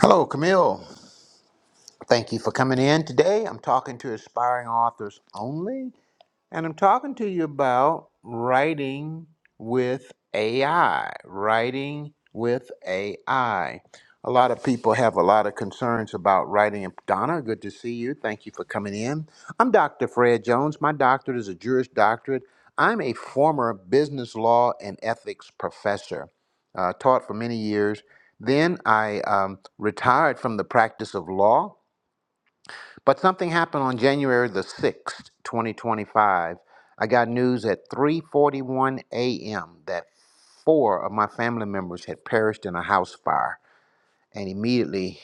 Hello, Camille. Thank you for coming in today. I'm talking to aspiring authors only. And I'm talking to you about writing with AI. Writing with AI. A lot of people have a lot of concerns about writing. And Donna, good to see you. Thank you for coming in. I'm Dr. Fred Jones. My doctorate is a Juris doctorate. I'm a former business law and ethics professor, uh, taught for many years. Then I um, retired from the practice of law but something happened on January the 6th, 2025. I got news at 3:41 a.m. that four of my family members had perished in a house fire and immediately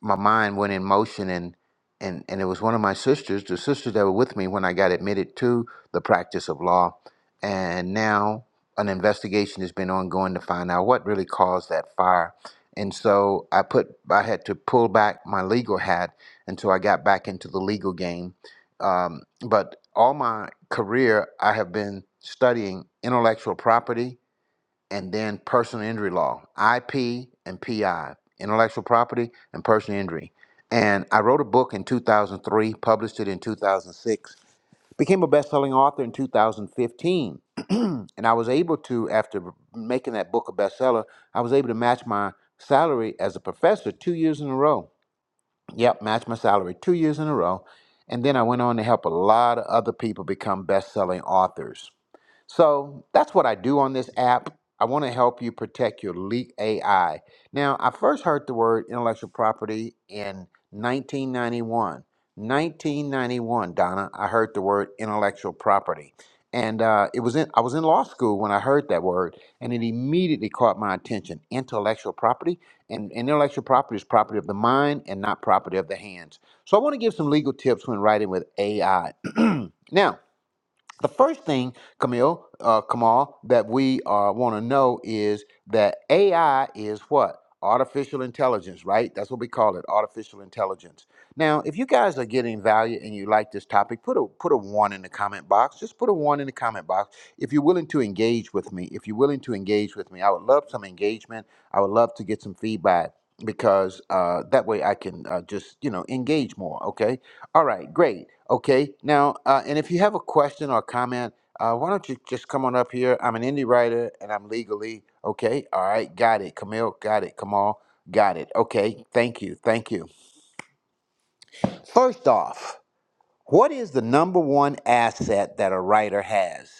my mind went in motion and and and it was one of my sisters the sisters that were with me when i got admitted to the practice of law and now an investigation has been ongoing to find out what really caused that fire and so i put i had to pull back my legal hat until i got back into the legal game um, but all my career i have been studying intellectual property and then personal injury law, IP and PI, intellectual property and personal injury. And I wrote a book in 2003, published it in 2006, became a best-selling author in 2015. and I was able to, after making that book a bestseller, I was able to match my salary as a professor two years in a row. Yep, match my salary two years in a row. And then I went on to help a lot of other people become best-selling authors. So that's what I do on this app. I want to help you protect your leak AI. Now, I first heard the word intellectual property in 1991. 1991, Donna, I heard the word intellectual property. And uh, it was in, I was in law school when I heard that word, and it immediately caught my attention. Intellectual property, and intellectual property is property of the mind and not property of the hands. So I want to give some legal tips when writing with AI. now, the first thing, Camille, uh, Kamal, that we uh, want to know is that AI is what? Artificial intelligence, right? That's what we call it, artificial intelligence. Now, if you guys are getting value and you like this topic, put a put a one in the comment box. Just put a one in the comment box. If you're willing to engage with me, if you're willing to engage with me, I would love some engagement. I would love to get some feedback because uh, that way I can uh, just you know engage more. Okay, all right, great. Okay, now, uh, and if you have a question or comment, uh, why don't you just come on up here? I'm an indie writer and I'm legally okay. All right, got it. Camille, got it. Kamal, got it. Okay, thank you. Thank you. First off, what is the number one asset that a writer has?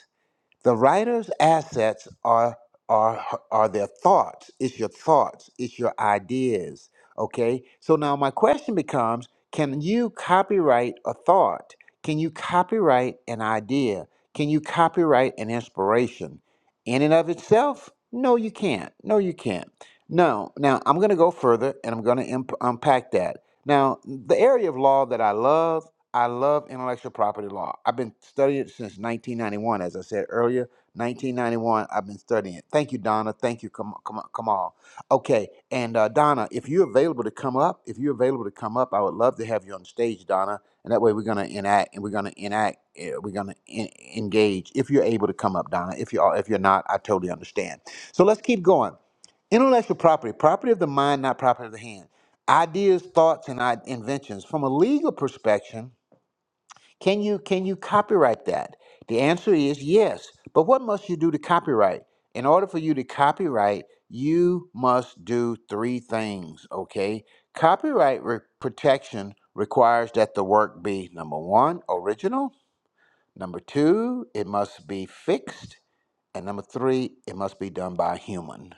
The writer's assets are are are their thoughts. It's your thoughts. It's your ideas. Okay. So now my question becomes: Can you copyright a thought? Can you copyright an idea? Can you copyright an inspiration? In and of itself, no, you can't. No, you can't. No. Now I'm going to go further, and I'm going to imp- unpack that. Now, the area of law that I love I love intellectual property law. I've been studying it since 1991, as I said earlier. 1991, I've been studying it. Thank you, Donna. Thank you, Kam- Kam- Kamal. Okay, and uh, Donna, if you're available to come up, if you're available to come up, I would love to have you on stage, Donna. And that way, we're gonna enact, and we're gonna enact, eh, we're gonna en- engage. If you're able to come up, Donna. If you are, if you're not, I totally understand. So let's keep going. Intellectual property, property of the mind, not property of the hand. Ideas, thoughts, and I- inventions. From a legal perspective can you can you copyright that? The answer is yes. But what must you do to copyright? In order for you to copyright, you must do three things, okay? Copyright re- protection requires that the work be number 1, original, number 2, it must be fixed, and number 3, it must be done by a human.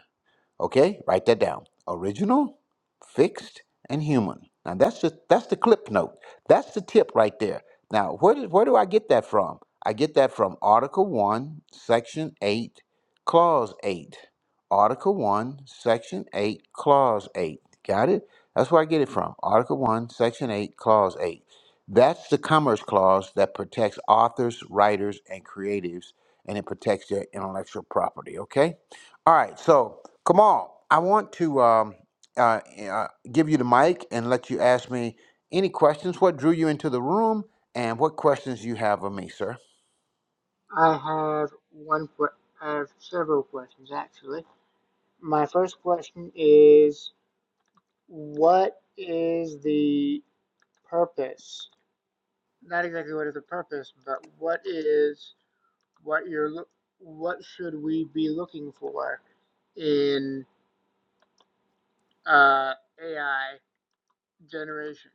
Okay, write that down. Original, fixed, and human. Now that's just that's the clip note. That's the tip right there. Now where did, where do I get that from? I get that from Article One, Section Eight, Clause Eight. Article One, Section Eight, Clause Eight. Got it? That's where I get it from. Article One, Section Eight, Clause Eight. That's the Commerce Clause that protects authors, writers, and creatives, and it protects their intellectual property. Okay. All right, so Kamal, I want to um, uh, uh, give you the mic and let you ask me any questions. What drew you into the room, and what questions you have of me, sir? I have one que- I have several questions actually. My first question is what is the purpose? Not exactly what is the purpose, but what is what you're loo- what should we be looking for in uh, AI generation?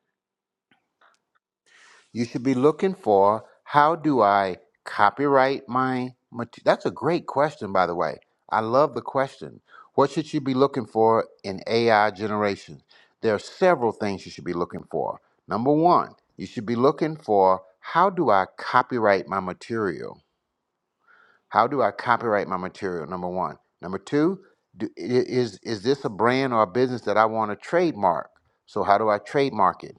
You should be looking for how do I copyright my material? That's a great question, by the way. I love the question. What should you be looking for in AI generation? There are several things you should be looking for. Number one, you should be looking for how do I copyright my material? How do I copyright my material? Number one. Number two, do, is is this a brand or a business that I want to trademark? So how do I trademark it?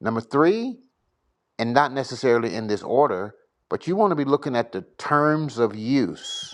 Number three, and not necessarily in this order, but you want to be looking at the terms of use.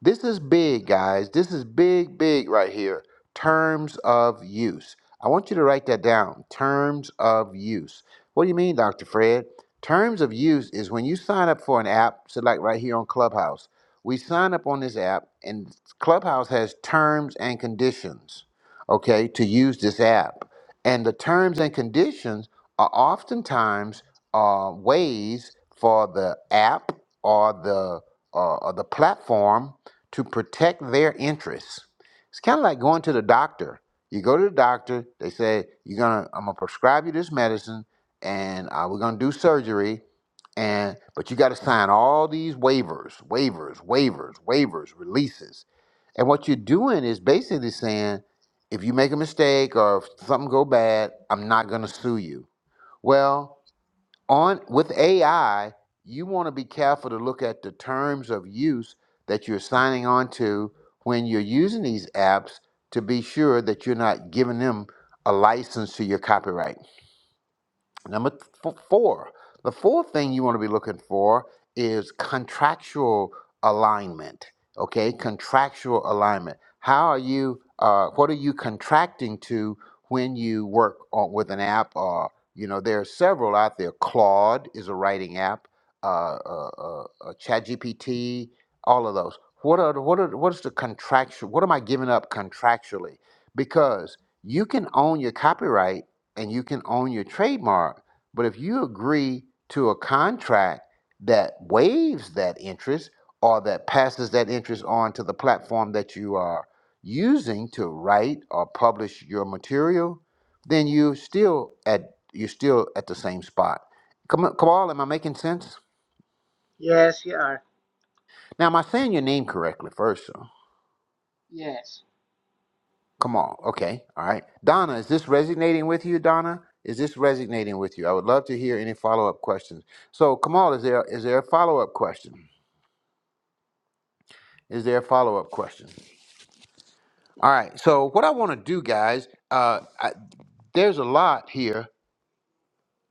This is big, guys. This is big, big right here. Terms of use. I want you to write that down. Terms of use. What do you mean, Dr. Fred? Terms of use is when you sign up for an app, so like right here on Clubhouse, we sign up on this app, and Clubhouse has terms and conditions, okay, to use this app. And the terms and conditions are oftentimes uh, ways for the app or the uh, or the platform to protect their interests. It's kind of like going to the doctor. You go to the doctor, they say, You're gonna I'm gonna prescribe you this medicine and uh, we're gonna do surgery, and but you gotta sign all these waivers, waivers, waivers, waivers, releases. And what you're doing is basically saying, if you make a mistake or if something go bad, I'm not gonna sue you. Well, on with AI, you want to be careful to look at the terms of use that you're signing on to when you're using these apps to be sure that you're not giving them a license to your copyright. Number th- four, the fourth thing you want to be looking for is contractual alignment. Okay, contractual alignment. How are you? Uh, what are you contracting to when you work on with an app? Or you know, there are several out there. Claude is a writing app. Uh, uh, uh, uh, ChatGPT, all of those. What are the- what are what is the contractual? What am I giving up contractually? Because you can own your copyright and you can own your trademark but if you agree to a contract that waives that interest or that passes that interest on to the platform that you are using to write or publish your material, then you still at you're still at the same spot. Come on, Kamal, am I making sense? Yes, you are. Now, am I saying your name correctly first? Sir? Yes. Come on, okay, all right. Donna, is this resonating with you, Donna? Is this resonating with you? I would love to hear any follow up questions. So, Kamal, is there is there a follow up question? Is there a follow up question? All right. So what I want to do, guys, uh, I, there's a lot here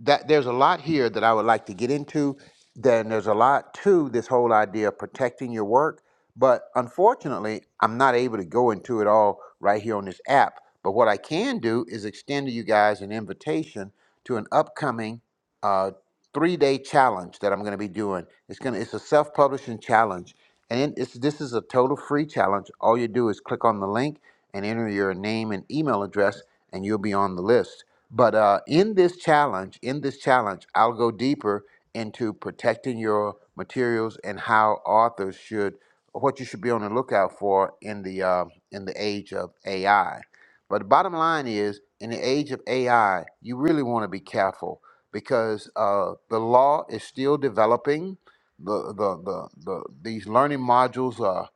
that there's a lot here that I would like to get into. Then there's a lot to this whole idea of protecting your work. But unfortunately, I'm not able to go into it all right here on this app. But what I can do is extend to you guys an invitation to an upcoming uh, three-day challenge that I'm going to be doing. It's gonna it's a self-publishing challenge, and it's this is a total free challenge. All you do is click on the link and enter your name and email address, and you'll be on the list. But uh, in this challenge, in this challenge, I'll go deeper into protecting your materials and how authors should, what you should be on the lookout for in the uh, in the age of AI. But the bottom line is, in the age of AI, you really want to be careful because uh, the law is still developing. The, the the the these learning modules are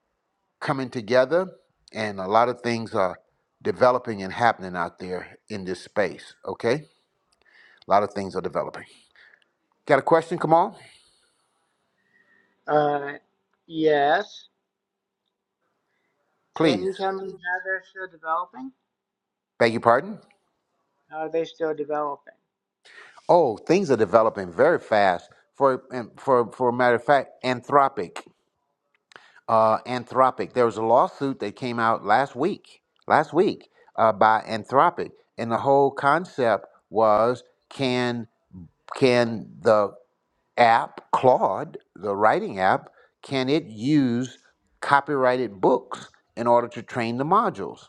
coming together, and a lot of things are developing and happening out there in this space. Okay. A lot of things are developing. Got a question, Kamal? Uh, yes. Can Please. you tell me how they're still developing? Beg your pardon? are they still developing? Oh, things are developing very fast. For and for for a matter of fact, Anthropic. Uh, Anthropic. There was a lawsuit that came out last week. Last week, uh, by Anthropic, and the whole concept was can can the app Claude, the writing app, can it use copyrighted books in order to train the modules?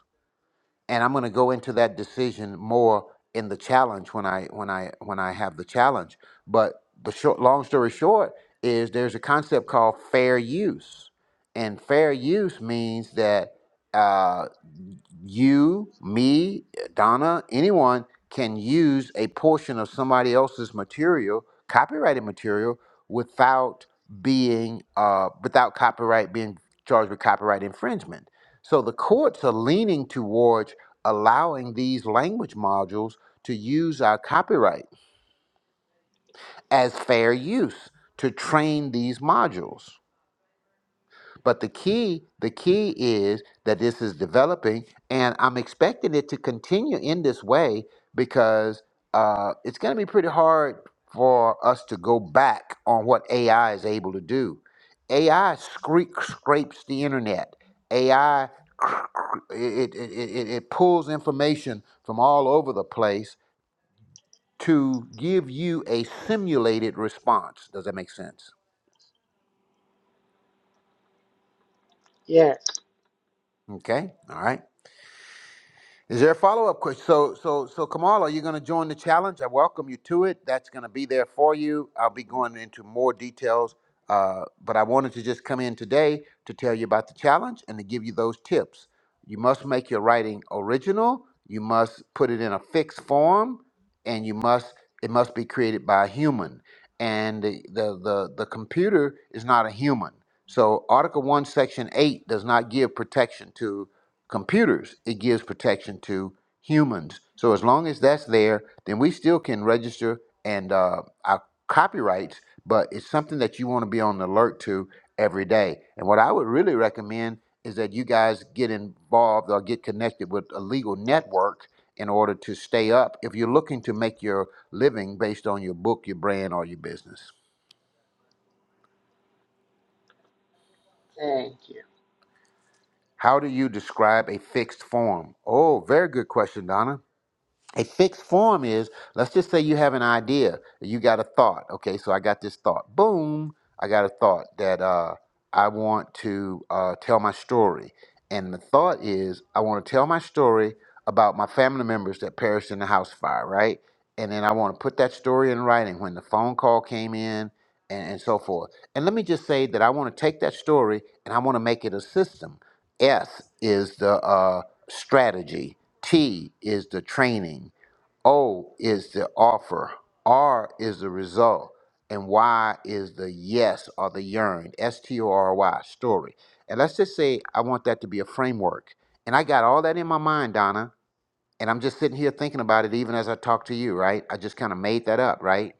and I'm going to go into that decision more in the challenge when I when I when I have the challenge. But the short, long story short is there's a concept called fair use, and fair use means that uh, you, me, Donna, anyone can use a portion of somebody else's material, copyrighted material, without being uh, without copyright being charged with copyright infringement. So the courts are leaning towards allowing these language modules to use our copyright as fair use to train these modules. But the key, the key is that this is developing, and I'm expecting it to continue in this way because uh, it's going to be pretty hard for us to go back on what AI is able to do. AI scre- scrapes the internet. AI cr- cr- it, it, it, it it pulls information from all over the place to give you a simulated response. Does that make sense? Yes. Okay, all right. Is there a follow-up question? So, so, so, Kamal, are you going to join the challenge? I welcome you to it. That's going to be there for you. I'll be going into more details, uh, but I wanted to just come in today to tell you about the challenge and to give you those tips. You must make your writing original. You must put it in a fixed form, and you must it must be created by a human. And the the the, the computer is not a human. So, Article One, Section Eight does not give protection to computers, it gives protection to humans. So as long as that's there, then we still can register and uh, our copyrights. But it's something that you want to be on alert to every day. And what I would really recommend is that you guys get involved or get connected with a legal network in order to stay up if you're looking to make your living based on your book, your brand, or your business. Thank you. How do you describe a fixed form? Oh, very good question, Donna. A fixed form is let's just say you have an idea, you got a thought. Okay, so I got this thought. Boom, I got a thought that uh, I want to uh, tell my story. And the thought is I want to tell my story about my family members that perished in the house fire, right? And then I want to put that story in writing when the phone call came in and, and so forth. And let me just say that I want to take that story and I want to make it a system. S is the uh, strategy T is the training, O is the offer, R is the result, and Y is the yes or the yearn, S T O R Y, story. And let's just say I want that to be a framework. And I got all that in my mind, Donna, and I'm just sitting here thinking about it even as I talk to you, right? I just kind of made that up, right?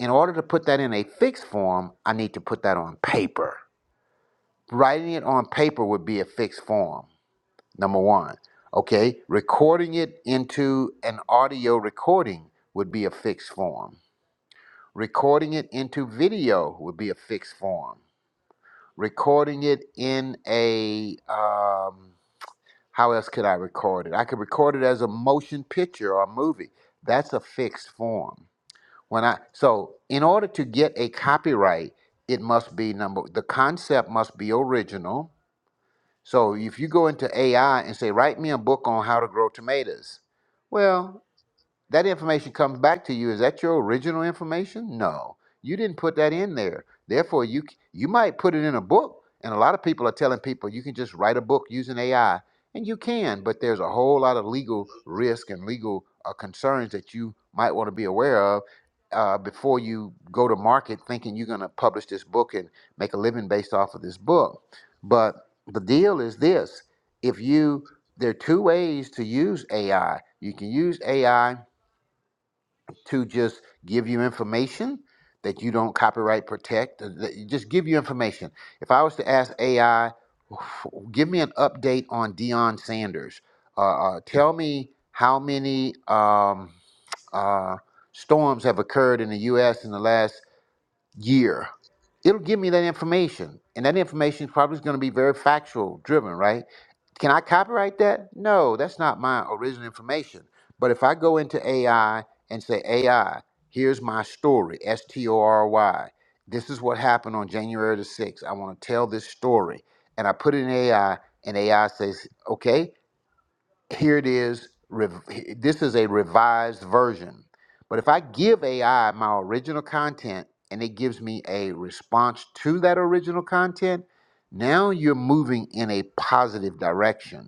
In order to put that in a fixed form, I need to put that on paper. Writing it on paper would be a fixed form. Number one, okay, recording it into an audio recording would be a fixed form. Recording it into video would be a fixed form. Recording it in a, um, how else could I record it? I could record it as a motion picture or a movie. That's a fixed form. When I so in order to get a copyright, it must be number the concept must be original so if you go into AI and say, write me a book on how to grow tomatoes, well, that information comes back to you. Is that your original information? No, you didn't put that in there. Therefore, you c- you might put it in a book, and a lot of people are telling people you can just write a book using AI, and you can, but there's a whole lot of legal risk and legal uh, concerns that you might want to be aware of. Uh, before you go to market thinking you're going to publish this book and make a living based off of this book. But the deal is this if you, there are two ways to use AI. You can use AI to just give you information that you don't copyright protect. uh, that- Just give you information. If I was to ask AI, give me an update on Deion Sanders. Uh, uh, tell me how many um, uh, storms have occurred in the U.S. in the last year. It'll give me that information, and that information is probably going to be very factual driven, right? Can I copyright that? No, that's not my original information. But if I go into AI and say, AI, here's my story, S T O R Y. This is what happened on January the 6th. I want to tell this story. And I put it in AI, and AI says, okay, here it is. rev- This is a revised version. But if I give AI my original content and it gives me a response to that original content, now you're moving in a positive direction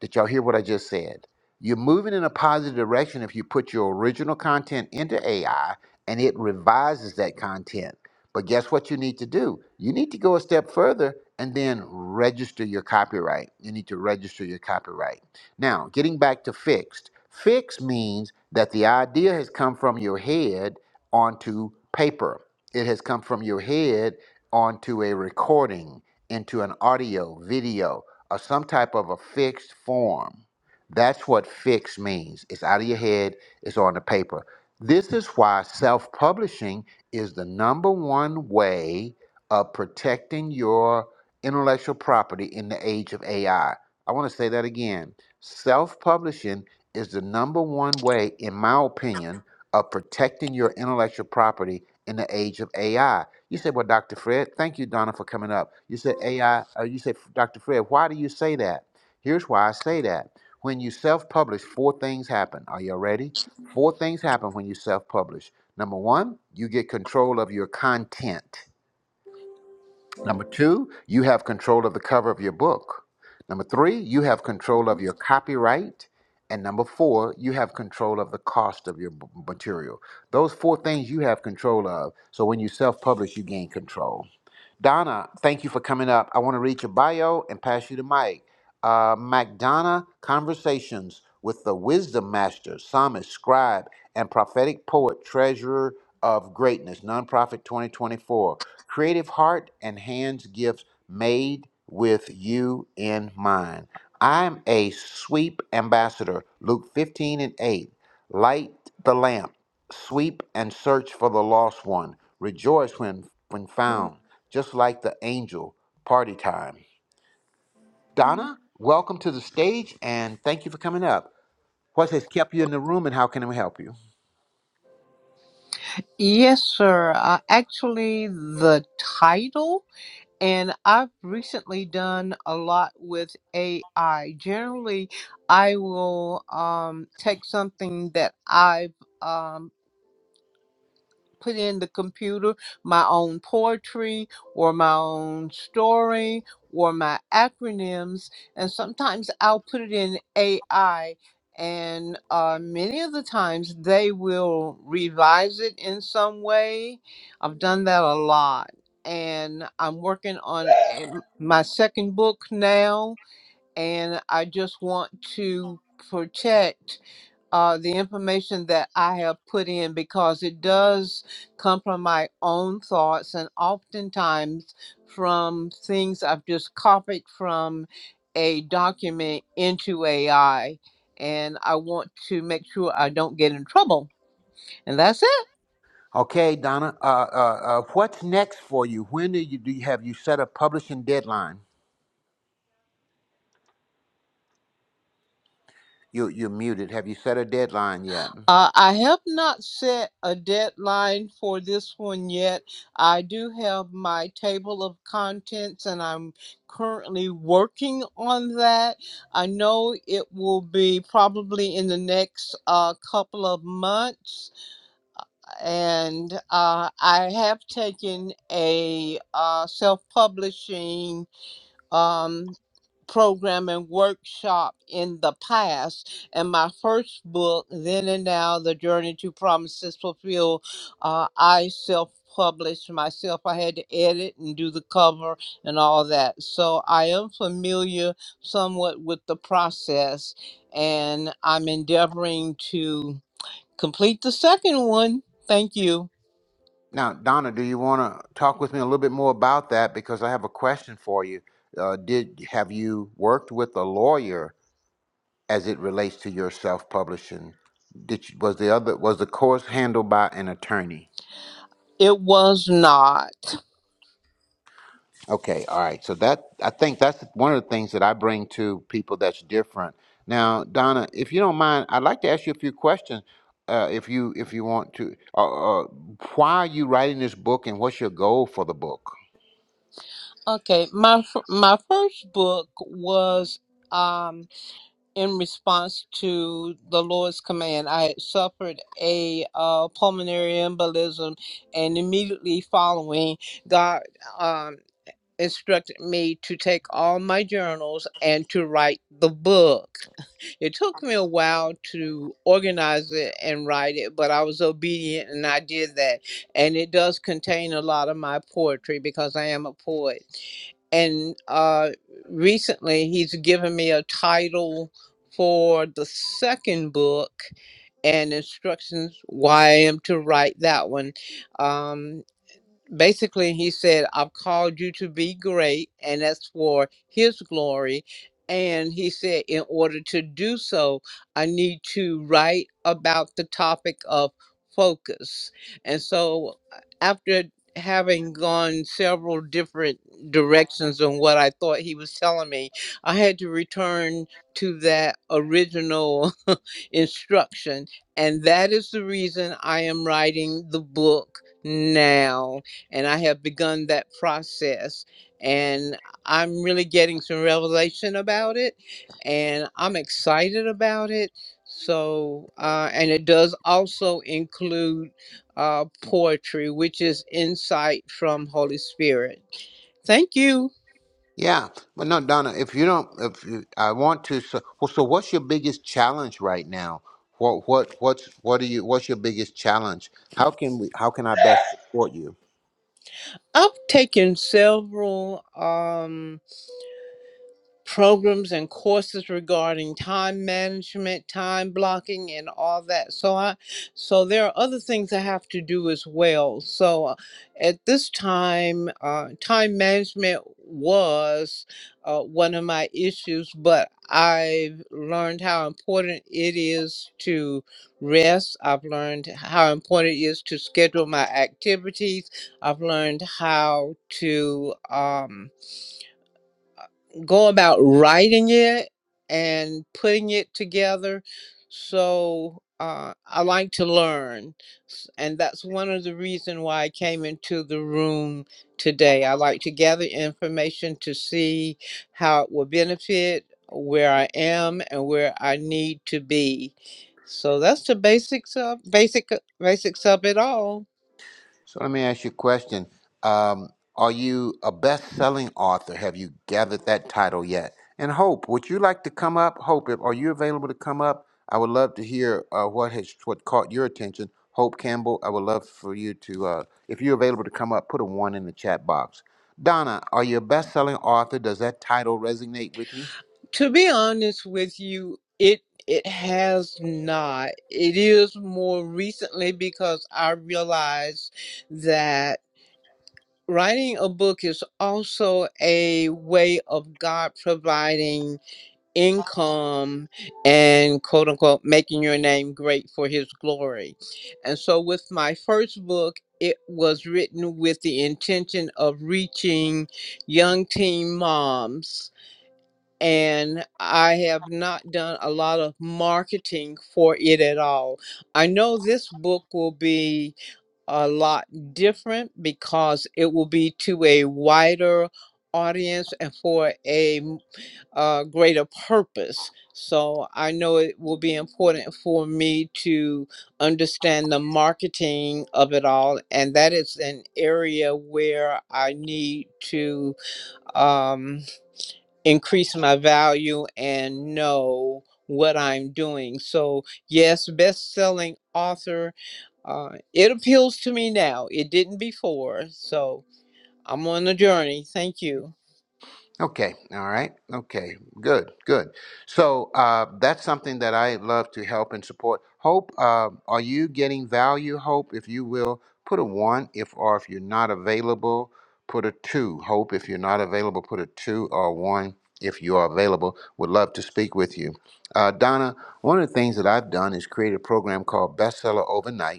did y'all hear what I just said? You're moving in a positive direction if you put your original content into AI and it revises that content. But guess what you need to do? You need to go a step further and then register your copyright. You need to register your copyright. Now, getting back to fixed, fixed means that the idea has come from your head onto paper, it has come from your head onto a recording, into an audio, video or some type of a fixed form. That's what fixed means. It's out of your head, it's on the paper. This is why self publishing is the number one way of protecting your intellectual property in the age of AI. I I want to say that again. Self publishing is the number one way, in my opinion, of protecting your intellectual property in the age of AI you said, well, Dr. Fred, thank you, Donna, for coming up. You said, AI, uh, you said, Dr. Fred, why do you say that? Here's why I say that. When you self publish, four things happen. Are you ready? Four things happen when you self publish. Number one, you get control of your content. Number two, you have control of the cover of your book. Number three, you have control of your copyright. And number four, you have control of the cost of your b- material. Those four things you have control of. So when you self publish, you gain control. Donna, thank you for coming up. I want to read your bio and pass you the mic. Uh, MacDonna Conversations with the Wisdom Master, Psalmist, Scribe, and Prophetic Poet, Treasurer of Greatness, Nonprofit 2024. Creative Heart and Hands Gifts Made with You in Mind. I'm a sweep ambassador, Luke 15 and 8. Light the lamp sweep and search for the lost one. Rejoice when when found, just like the angel. Party time. Donna, welcome to the stage and thank you for coming up. What has kept you in the room and how can we help you? Yes, sir. Uh, actually, the title, and I've recently done a lot with AI. Generally, I will um, take something that I've um, put in the computer my own poetry or my own story or my acronyms and sometimes i'll put it in ai and uh, many of the times they will revise it in some way i've done that a lot and i'm working on a- my second book now and i just want to protect uh, the information that I have put in because it does come from my own thoughts and oftentimes from things I've just copied from a document into AI. And I want to make sure I don't get in trouble. And that's it. Okay, Donna, uh, uh, uh, what's next for you? When do you, do you have you set a publishing deadline? You, you're muted. Have you set a deadline yet? Uh, I have not set a deadline for this one yet. I do have my table of contents and I'm currently working on that. I know it will be probably in the next uh, couple of months. And uh, I have taken a uh, self publishing. Um, program and workshop in the past. And my first book, Then and Now The Journey to Promises Fulfilled, uh, I self published myself. I had to edit and do the cover and all that. So I am familiar somewhat with the process and I'm endeavoring to complete the second one. Thank you. Now, Donna, do you want to talk with me a little bit more about that? Because I have a question for you. Uh, did have you worked with a lawyer as it relates to your self-publishing? Did you, was the other was the course handled by an attorney? It was not. Okay, all right. So that I think that's one of the things that I bring to people that's different. Now, Donna, if you don't mind, I'd like to ask you a few questions. Uh, if you if you want to, uh, uh, why are you writing this book, and what's your goal for the book? Okay, my f- my first book was um in response to the Lord's command. I had suffered a uh, pulmonary embolism, and immediately following, God um instructed me to take all my journals and to write the book. It took me a while to organize it and write it, but I was obedient and I did that. And it does contain a lot of my poetry because I am a poet. And uh, recently, he's given me a title for the second book and instructions why I am to write that one. Um, basically he said i've called you to be great and that's for his glory and he said in order to do so i need to write about the topic of focus and so uh, after having gone several different directions on what i thought he was telling me i had to return to that original instruction and that is the reason i am writing the book now and I have begun that process. And I'm really getting some revelation about it, and I'm excited about it. So, uh, and it does also include uh, poetry, which is insight from Holy Spirit. Thank you. Yeah, but no, Donna, if you don't, if you, I want to, so, well, so what's your biggest challenge right now? What what what's what are you? What's your biggest challenge? How can we? How can I best support you? I've taken several. Um, programs and courses regarding time management, time blocking, and all that. So I, so there are other things I have to do as well. So uh, at this time, uh, time management was uh, one of my issues, but I've learned how important it is to rest. I've learned how important it is to schedule my activities. I've learned how to. Um, go about writing it and putting it together. So uh, I like to learn, S- and that's one of the reason why I came into the room today. I like to gather information to see how it will benefit where I am and where I need to be. So that's the basics of basic basics of it all. So let me ask you a question. Um, are you a best selling author? Have you gathered that title yet? And Hope, would you like to come up? Hope, if, are you available to come up? I would love to hear uh, what has what caught your attention. Hope Campbell, I would love for you to, uh, if you're available to come up, put a one in the chat box. Donna, are you a best selling author? Does that title resonate with you? To be honest with you, it it has not. It is more recently because I realized that writing a book is also a way of God providing income and quote unquote making your name great for his glory. And so with my first book, it was written with the intention of reaching young teen moms and I have not done a lot of marketing for it at all. I know this book will be a lot different because it will be to a wider audience and for a m- uh, greater purpose. So I know it will be important for me to understand the marketing of it all, and that is an area where I need to. Um, increase my value and know what I'm doing. So, yes, best selling author. Uh, it appeals to me now. It didn't before. So, I'm on a journey. Thank you. Okay, all right. Okay, good, good. So uh, that's something that I love to help and support. Hope, uh, are you getting value? Hope, if you will, put a one. If or if you're not available, put a two. Hope, if you're not available, put a two or a one. If you are available, would love to speak with you. Uh, Donna, one of the things that I've done is create a program called Bestseller Overnight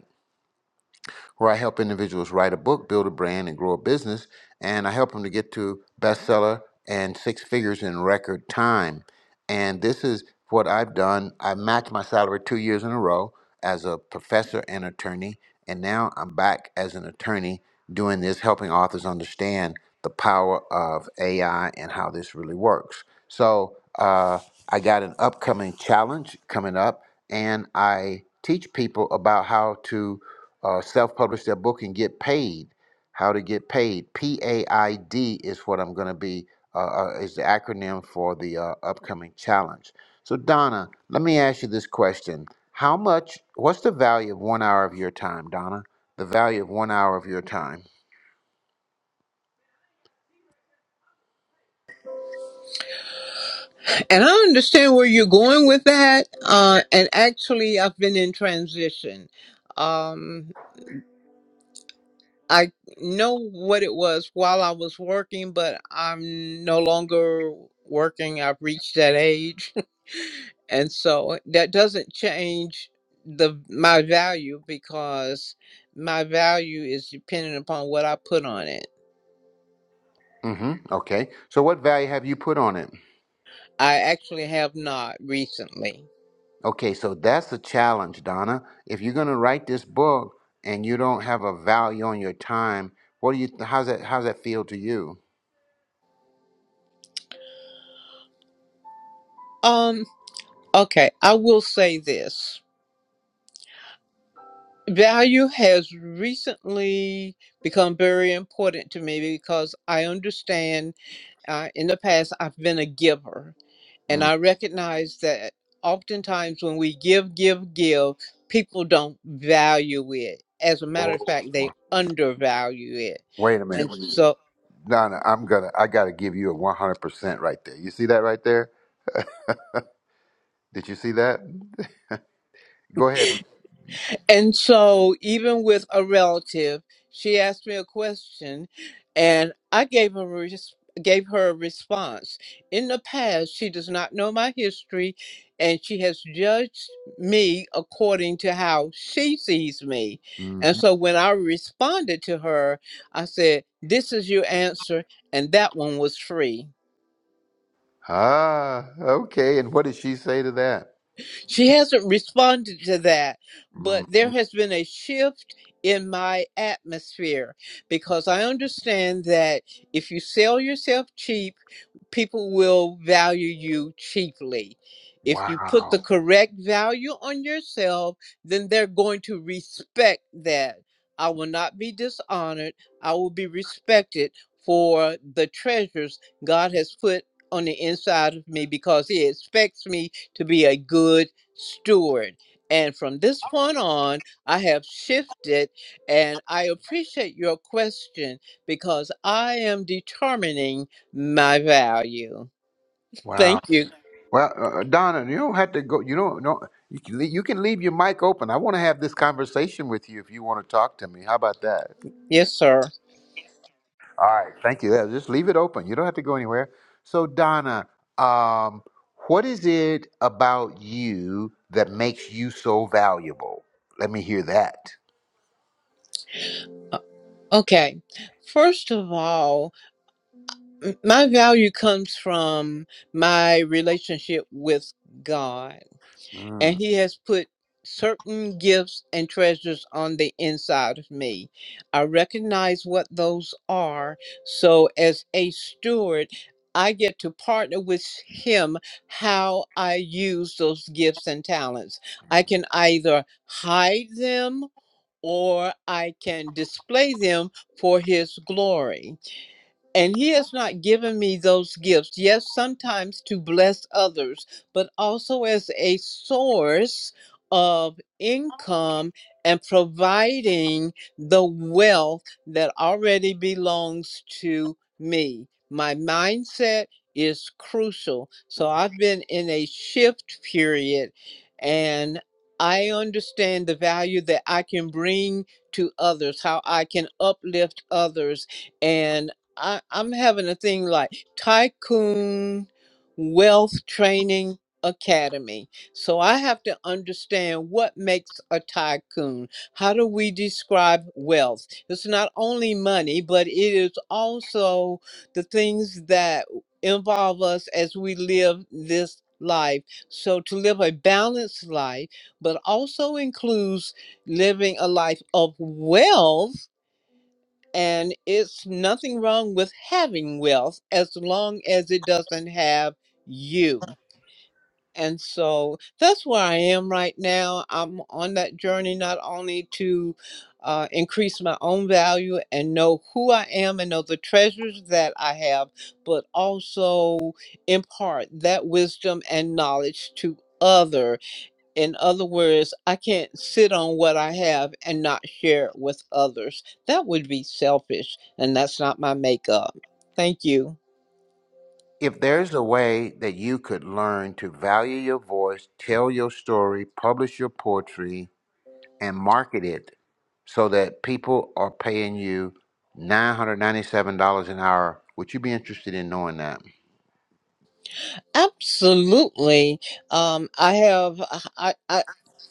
where I help individuals write a book, build a brand, and grow a business. And I help them to get to bestseller and six figures in record time. And this is what I've done. I matched my salary two years in a row as a professor and attorney. And now I'm back as an attorney doing this, helping authors understand the power of AI and how this really works. So uh, I got an upcoming challenge coming up, and I teach people about how to uh, self-publish their book and get paid. How to get paid? P A I D is what I'm going to be. Uh, uh, is the acronym for the uh, upcoming challenge. So Donna, let me ask you this question: How much? What's the value of one hour of your time, Donna? The value of one hour of your time. And I understand where you're going with that. Uh, and actually, I've been in transition. Um, I know what it was while I was working, but I'm no longer working. I've reached that age. and so uh, that doesn't change the my value because my value is dependent upon what i put on it Mm-hmm. Okay. So what value have you put on it? i actually have not recently Okay. So that's the challenge, Donna. If you're going to write this book and you don't have a value on your time, what do you? How's that? How's that feel to you? um okay i will say this value has recently become very important to me because i understand uh, in the past i've been a giver And I recognize that oftentimes when we give, give, give, people don't value it. As a matter of Oh, fact, they undervalue it. wait a minute. And Mhm. so Donna, I'm gonna I gotta give you a one hundred percent right there. You see that right there? Did you see that? Go ahead, man. And so, even with a relative, she asked me a question, and I gave her a res- gave her a response. In the past, she does not know my history, and she has judged me according to how she sees me. And hmm so, when I responded to her, I said, "This is your answer," and that one was free. Ah, okay. And what did she say to that? She hasn't responded to that, hmm but there has been a shift in my atmosphere because I understand that if you sell yourself cheap, people will value you cheaply. If you put Wow. the correct value on yourself, then they're going to respect that. I will not be dishonored. I will be respected for the treasures God has put on the inside of me because He expects me to be a good steward. And from this point on, I have shifted, and I appreciate your question because I am determining my value. Wow. Thank you. Well, uh, uh, Donna, you don't have to go. You don't. know. you can. le- You can leave your mic open. I want to have this conversation with you if you want to talk to me. How about that? Yes, sir. All right, thank you. Yeah, Just leave it open. You don't have to go anywhere. So, Donna, um, what is it about you that makes you so valuable? Let me hear that. Uh, Okay. First of all, m- my value comes from my relationship with God. and Mm. he has put certain gifts and treasures on the inside of me. I recognize what those are. So, as a steward, I get to partner with him how I use those gifts and talents. I can either hide them or I can display them for his glory. And he has not given me those gifts, yes, sometimes to bless others, but also as a source of income and providing the wealth that already belongs to me. My mindset is crucial. So I've been in a shift period and I understand the value that I can bring to others, how I can uplift others. And I, I'm having a thing like Tycoon Wealth Training Academy. So I have to understand what makes a tycoon. How do we describe wealth? It's not only money, but it is also the things that involve us as we live this life. So to live a balanced life, but also includes living a life of wealth and it's nothing wrong with having wealth as long as it doesn't have you. And so that's where I am right now. I'm on that journey not only to uh, increase my own value and know who I am and know the treasures that I have, but also impart that wisdom and knowledge to others in other words, I can't sit on what I have and not share it with others. That would be selfish, and that's not my makeup. Thank you. If there's a way that you could learn to value your voice, tell your story, publish your poetry, and market it so that people are paying you $997 an hour, would you be interested in knowing that? Absolutely. Um, I have. I, I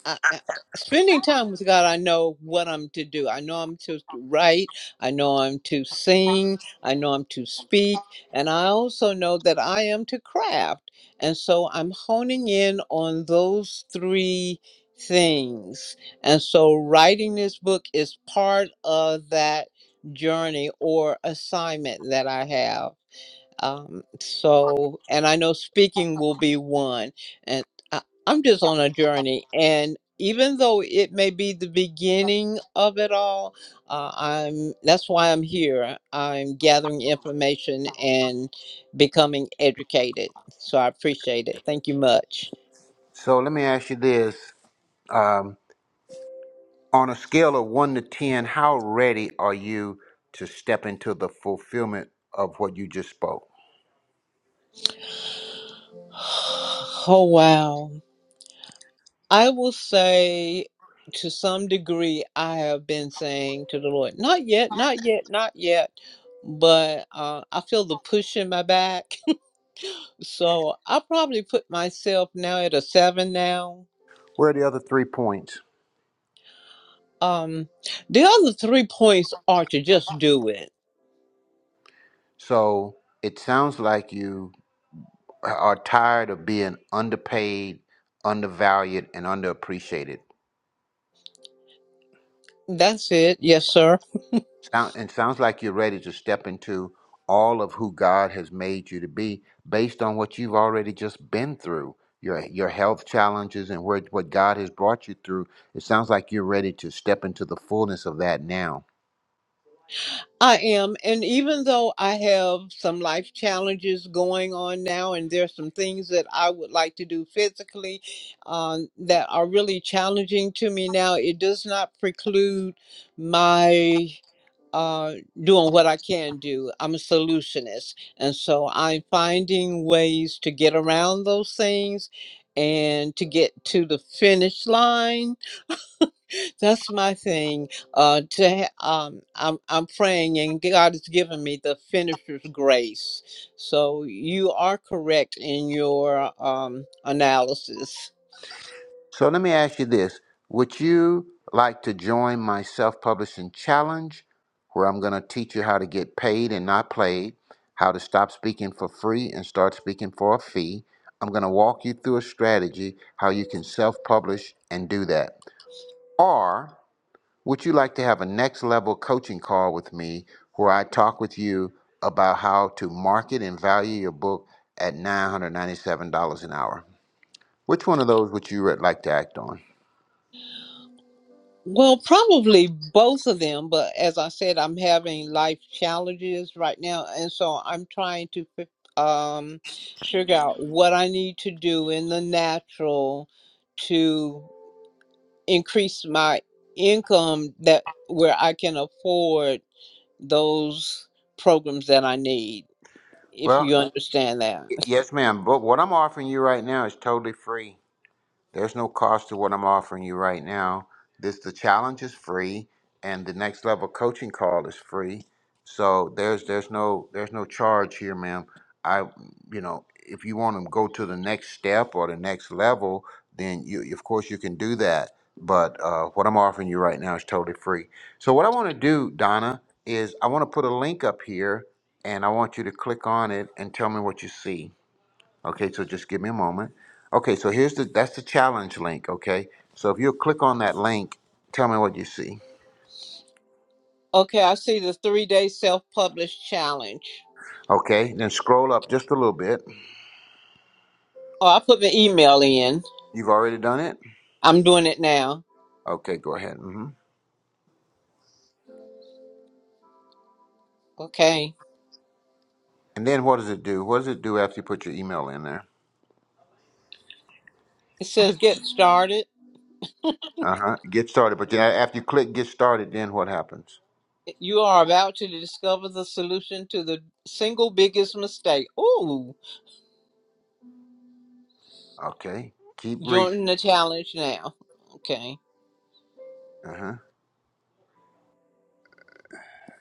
I, I- spending time with God, I know what I'm to do. I know I'm to write. I know I'm to sing. I know I'm to speak. And I also know that I am to craft. And so I'm honing in on those three things. And so writing this book is part of that journey or assignment that I have. Um, so, and I know speaking will be one. And I, I'm just on a journey. And even though it may be the beginning of it all, uh, I'm that's why I'm here. I'm gathering information and becoming educated. So I appreciate it. Thank you much. So, let me ask you this. Um, On a scale of one to 10, how ready are you to step into the fulfillment of what you just spoke? Oh wow. I will say to some degree, I have been saying to the Lord, not yet, not yet, not yet. But uh, I feel the push in my back. so I probably put myself now at a seven now. Where are the other three points? Um, the other three points are to just do it. So it sounds like you are tired of being underpaid, undervalued, and underappreciated. That's it. Yes, sir. Sound, it sounds like you're ready to step into all of who God has made you to be based on what you've already just been through, your your health challenges and where what God has brought you through. It sounds like you're ready to step into the fullness of that now. I am. And even though I have some life challenges going on now, and there's some things that I would like to do physically um, that are really challenging to me now, it does not preclude my uh, doing what I can do. I'm a solutionist. And so I'm finding ways to get around those things and to get to the finish line that's my thing. Uh, to ha- um, I'm I'm praying, and God has given me the finisher's grace. So you are correct in your um analysis. So let me ask you this Would you like to join my self publishing challenge where I'm going to teach you how to get paid and not played, how to stop speaking for free and start speaking for a fee? I'm going to walk you through a strategy how you can self publish and do that. Or would you like to have a next level coaching call with me where I talk with you about how to market and value your book at $997 an hour? Which one of those would you like to act on? Well, probably both of them, but as I said, I'm having life challenges right now, and so I'm trying to fi- um figure out what I need to do in the natural to increase my income that where I can afford. those programs that I need, if Well, you understand that. Y- Yes, ma'am. But what I'm offering you right now is totally free. There's no cost to what I'm offering you right now. This the challenge is free, and the next level coaching call is free. So there's there's no there's no charge here, ma'am. I you know if you want to go to the next step or the next level, then you of course you can do that. But uh, what I'm offering you right now is totally free. So what I want to do, Donna, is I want to put a link up here, and I want you to click on it and tell me what you see. Okay, so just give me a moment. Okay, so here's the that's the challenge link. Okay, so if you click on that link, tell me what you see. Okay, I see the three day self published challenge. Okay, then scroll up just a little bit. Oh, I put my email in. You've already done it. I'm doing it now. Okay, go ahead. hmm Okay. And then what does it do? What does it do after you put your email in there? It says get started. Uh huh. Get started. But then after you click get started, then what happens? You are about to discover the solution to the single biggest mistake. Ooh, Okay. Keep reading. join the challenge now. Okay. Uh huh.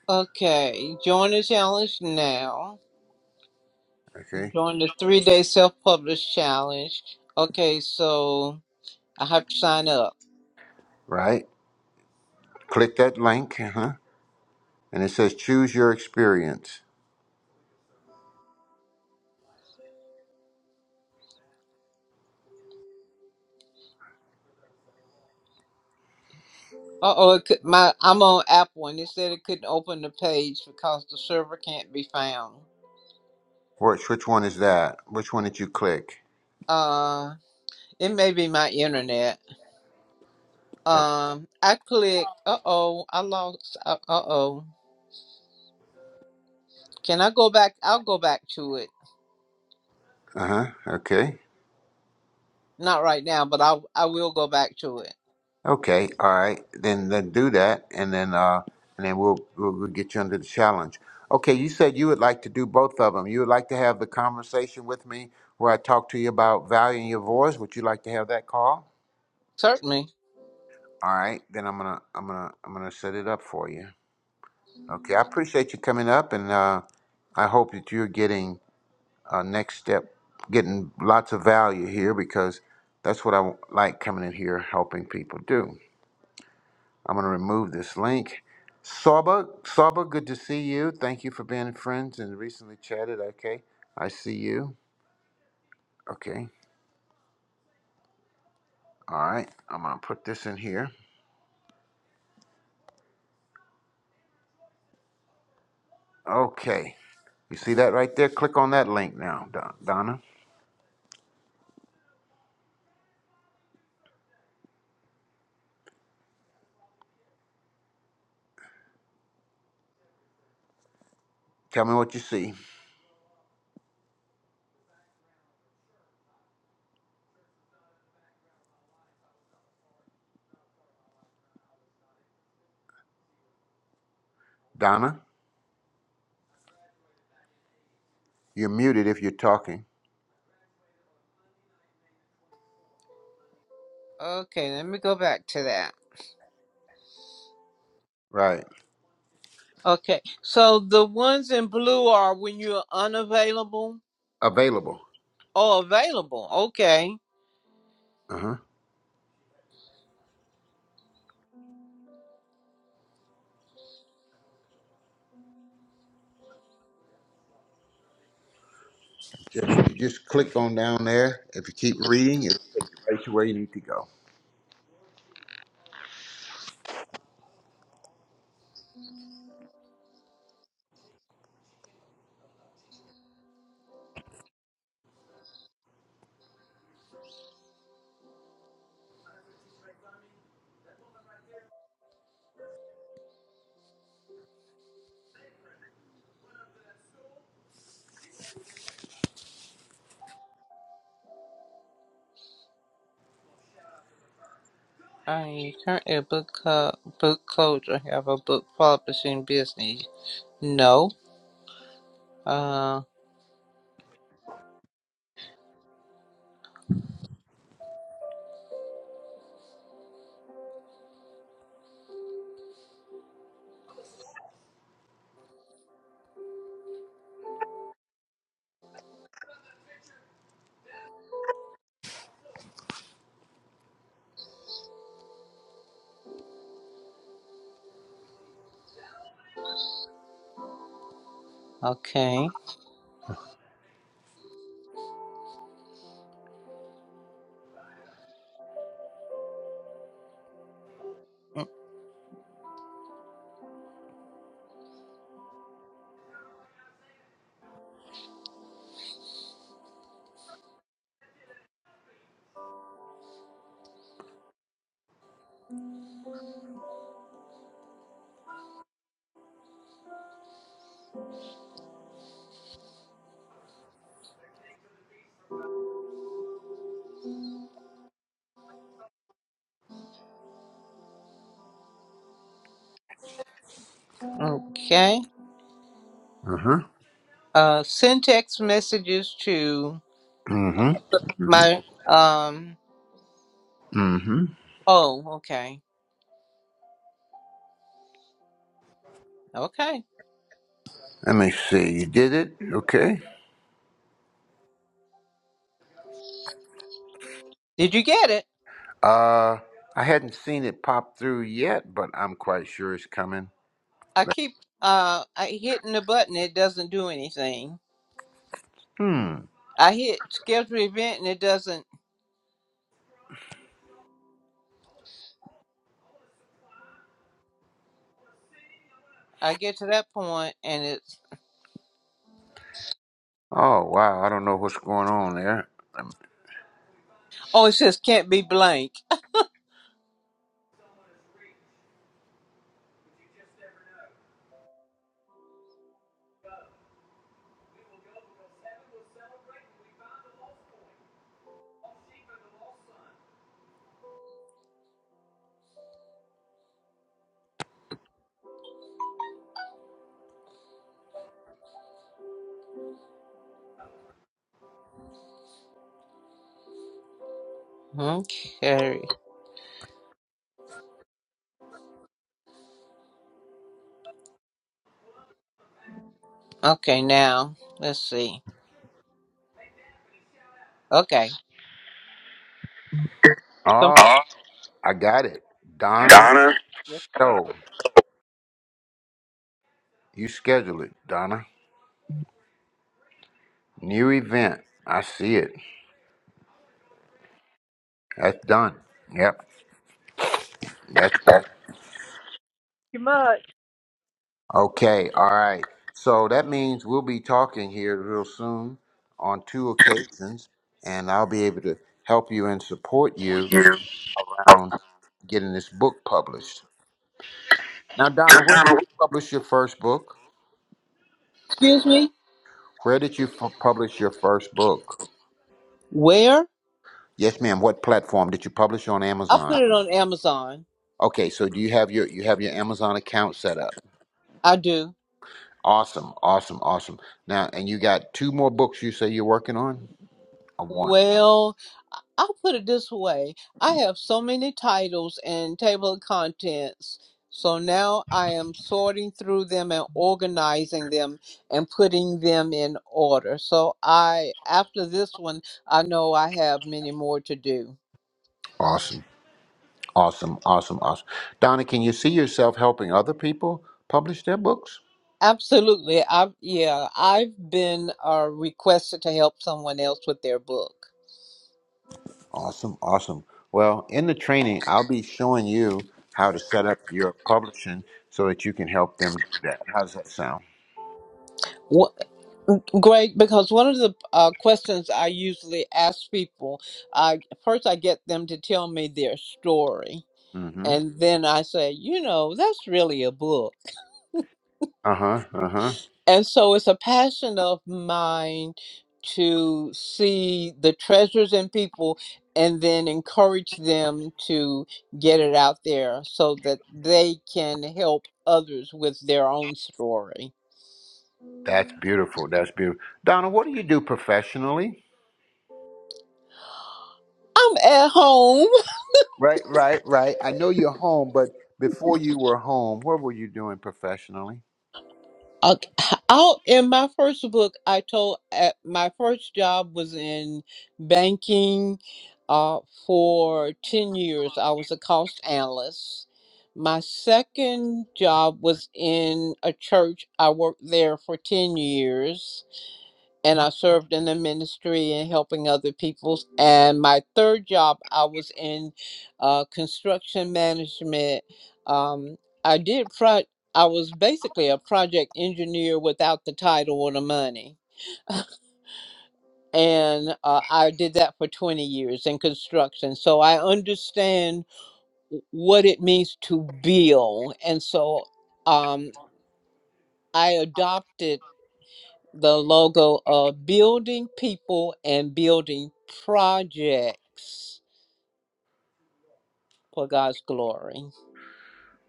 Okay, join the challenge now. Okay. Join the three day self published challenge. Okay, so I have to sign up. Right. Click that link. Uh huh. And it says choose your experience. Uh oh, it could my I'm on Apple and it said it couldn't open the page because the server can't be found. Which which one is that? Which one did you click? Uh it may be my internet. Um I click uh oh, I lost uh oh. Can I go back? I'll go back to it. Uh huh. Okay. Not right now, but I I will go back to it. Okay. All right. Then then do that, and then uh and then we'll we'll, we'll get you under the challenge. Okay. You said you would like to do both of them. You would like to have the conversation with me where I talk to you about valuing your voice. Would you like to have that call? Certainly. All right. Then I'm gonna I'm gonna I'm gonna set it up for you. Okay. I appreciate you coming up, and uh, I hope that you're getting uh, next step, getting lots of value here because that's what I like coming in here helping people do. I'm going to remove this link. Saba, Saba, good to see you. Thank you for being friends and recently chatted. Okay, I see you. Okay, all right. I'm going to put this in here. Okay, you see that right there? Click on that link now, Don, Donna. Tell me what you see. Donna, you're muted if you're talking. Okay, let me go back to that. Right. Okay. So the ones in blue are when you're unavailable Available. or available. Okay. Uh huh. Just, you just click on down there. If you keep reading, it'll take you right to where you need to go. I am currently a book co- book coach. I have a book publishing business. No. Uh. Okay. Okay. Uh huh. Uh. Send text messages to Mm hmm. my um. Mm hmm. Oh. Okay. Okay. Let me see. You did it? Okay. Did you get it? Uh, I hadn't seen it pop through yet, but I'm quite sure it's coming. I keep uh I hitting the button. It doesn't do anything. Hmm. I hit schedule event and it doesn't. I get to that point and it's Oh, wow. I don't know what's going on there. Um, oh it says can't be blank. Okay. Okay. Now let's see. Okay. So, Oh, I got it. Donna Stowe. You schedule it, Donna. New event. I see it. That's done. Yep. That's okay. All right. So that means we'll be talking here real soon on two occasions, and I'll be able to help you and support you around getting this book published. Now, Donna, where did you publish your first book? excuse me. Where did you f- publish your first book? Where? Yes, ma'am. What platform did you publish on I put Amazon? it on Amazon. Okay, so do you have your you have your Amazon account set up? I do. Awesome, awesome, awesome. Now, and you got two more books you say you're working on? Or one? Well, I- I'll put it this way. I have so many titles and table of contents. So now I am sorting through them and organizing them and putting them in order. So I after this one, I know I have many more to do. Awesome, awesome, awesome, awesome. Donna, can you see yourself helping other people publish their books? Absolutely. I have yeah, I've been uh, requested to help someone else with their book. Awesome, awesome. Well, in the training, I'll be showing you how to set up your publishing so that you can help them do that. How does that sound? Great, because one of the uh, questions I usually ask people, I first I get them to tell me their story, Mm-hmm. and then I say, you know, that's really a book, Uh-huh. Uh-huh. and so it's a passion of mine to see the treasures in people, and then encourage them to get it out there so that they can help others with their own story. That's beautiful. That's beautiful. Donna, what do you do professionally? I'm at home. Right, right, right. I know you're home, but before you were home, what were you doing professionally? Okay. Out in my first book, I told uh, my first job was in banking uh, for 10 years. I was a cost analyst. My second job was in a church. I worked there for 10 years and I served in the ministry and helping other people's. And my third job, I was in uh, construction management. Um, I did pro. I was basically a project engineer without the title or the money, and uh, I did that for twenty years in construction. So I understand what it means to build, and so um, I adopted. the logo of building people and building projects for God's glory.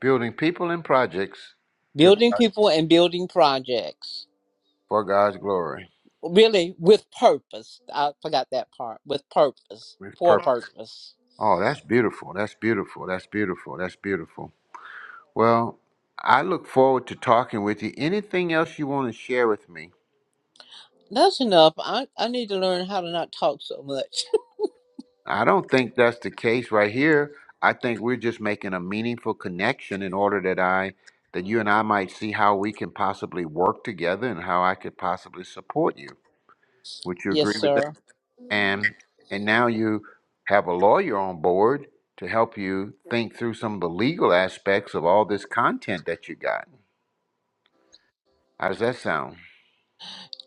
Building people and projects to Building God, people and building projects. for God's glory Really, with purpose. I forgot that part. With purpose. with For purpose. purpose. Oh, that's beautiful. That's beautiful. That's beautiful. That's beautiful. Well, I look forward to talking with you. Anything else you want to share with me? That's enough. I, I need to learn how to not talk so much. I don't think that's the case right here. I think we're just making a meaningful connection in order that I that you and I might see how we can possibly work together and how I could possibly support you. Would you yes, agree with that? sir. And and now you have a lawyer on board to help you think through some of the legal aspects of all this content that you got. How does that sound?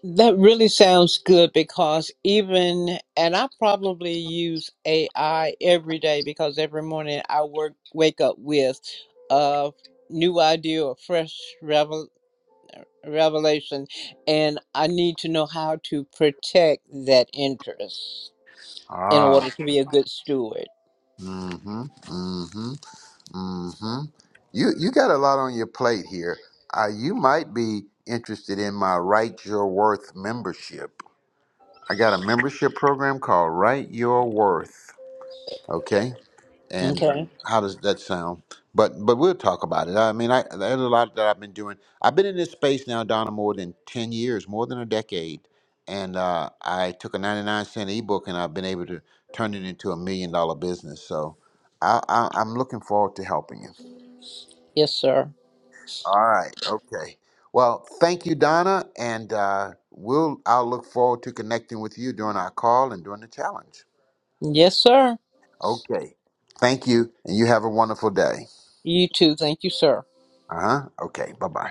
That really sounds good because even, and I probably use AI every day because every morning I work wake up with a new idea or fresh revel, revelation, and I need to know how to protect that interest in Ah. order to be a good steward. Mm-hmm. Mm-hmm. Mm-hmm. You you got a lot on your plate here. Uh, you might be interested in my Write Your Worth membership. I got a membership program called Write Your Worth. Okay, and Okay. how does that sound? But but we'll talk about it. I mean, I there's a lot that I've been doing. I've been in this space now, Donna, more than ten years, more than a decade. And uh, I took a 99 cent ebook, and I've been able to turn it into a million dollar business. So I, I, I'm looking forward to helping you. Yes, sir. All right. Okay. Well, thank you, Donna, and uh, we'll. I'll look forward to connecting with you during our call and during the challenge. Yes, sir. Okay. Thank you, and you have a wonderful day. You too. Thank you, sir. Uh huh. Okay. Bye bye.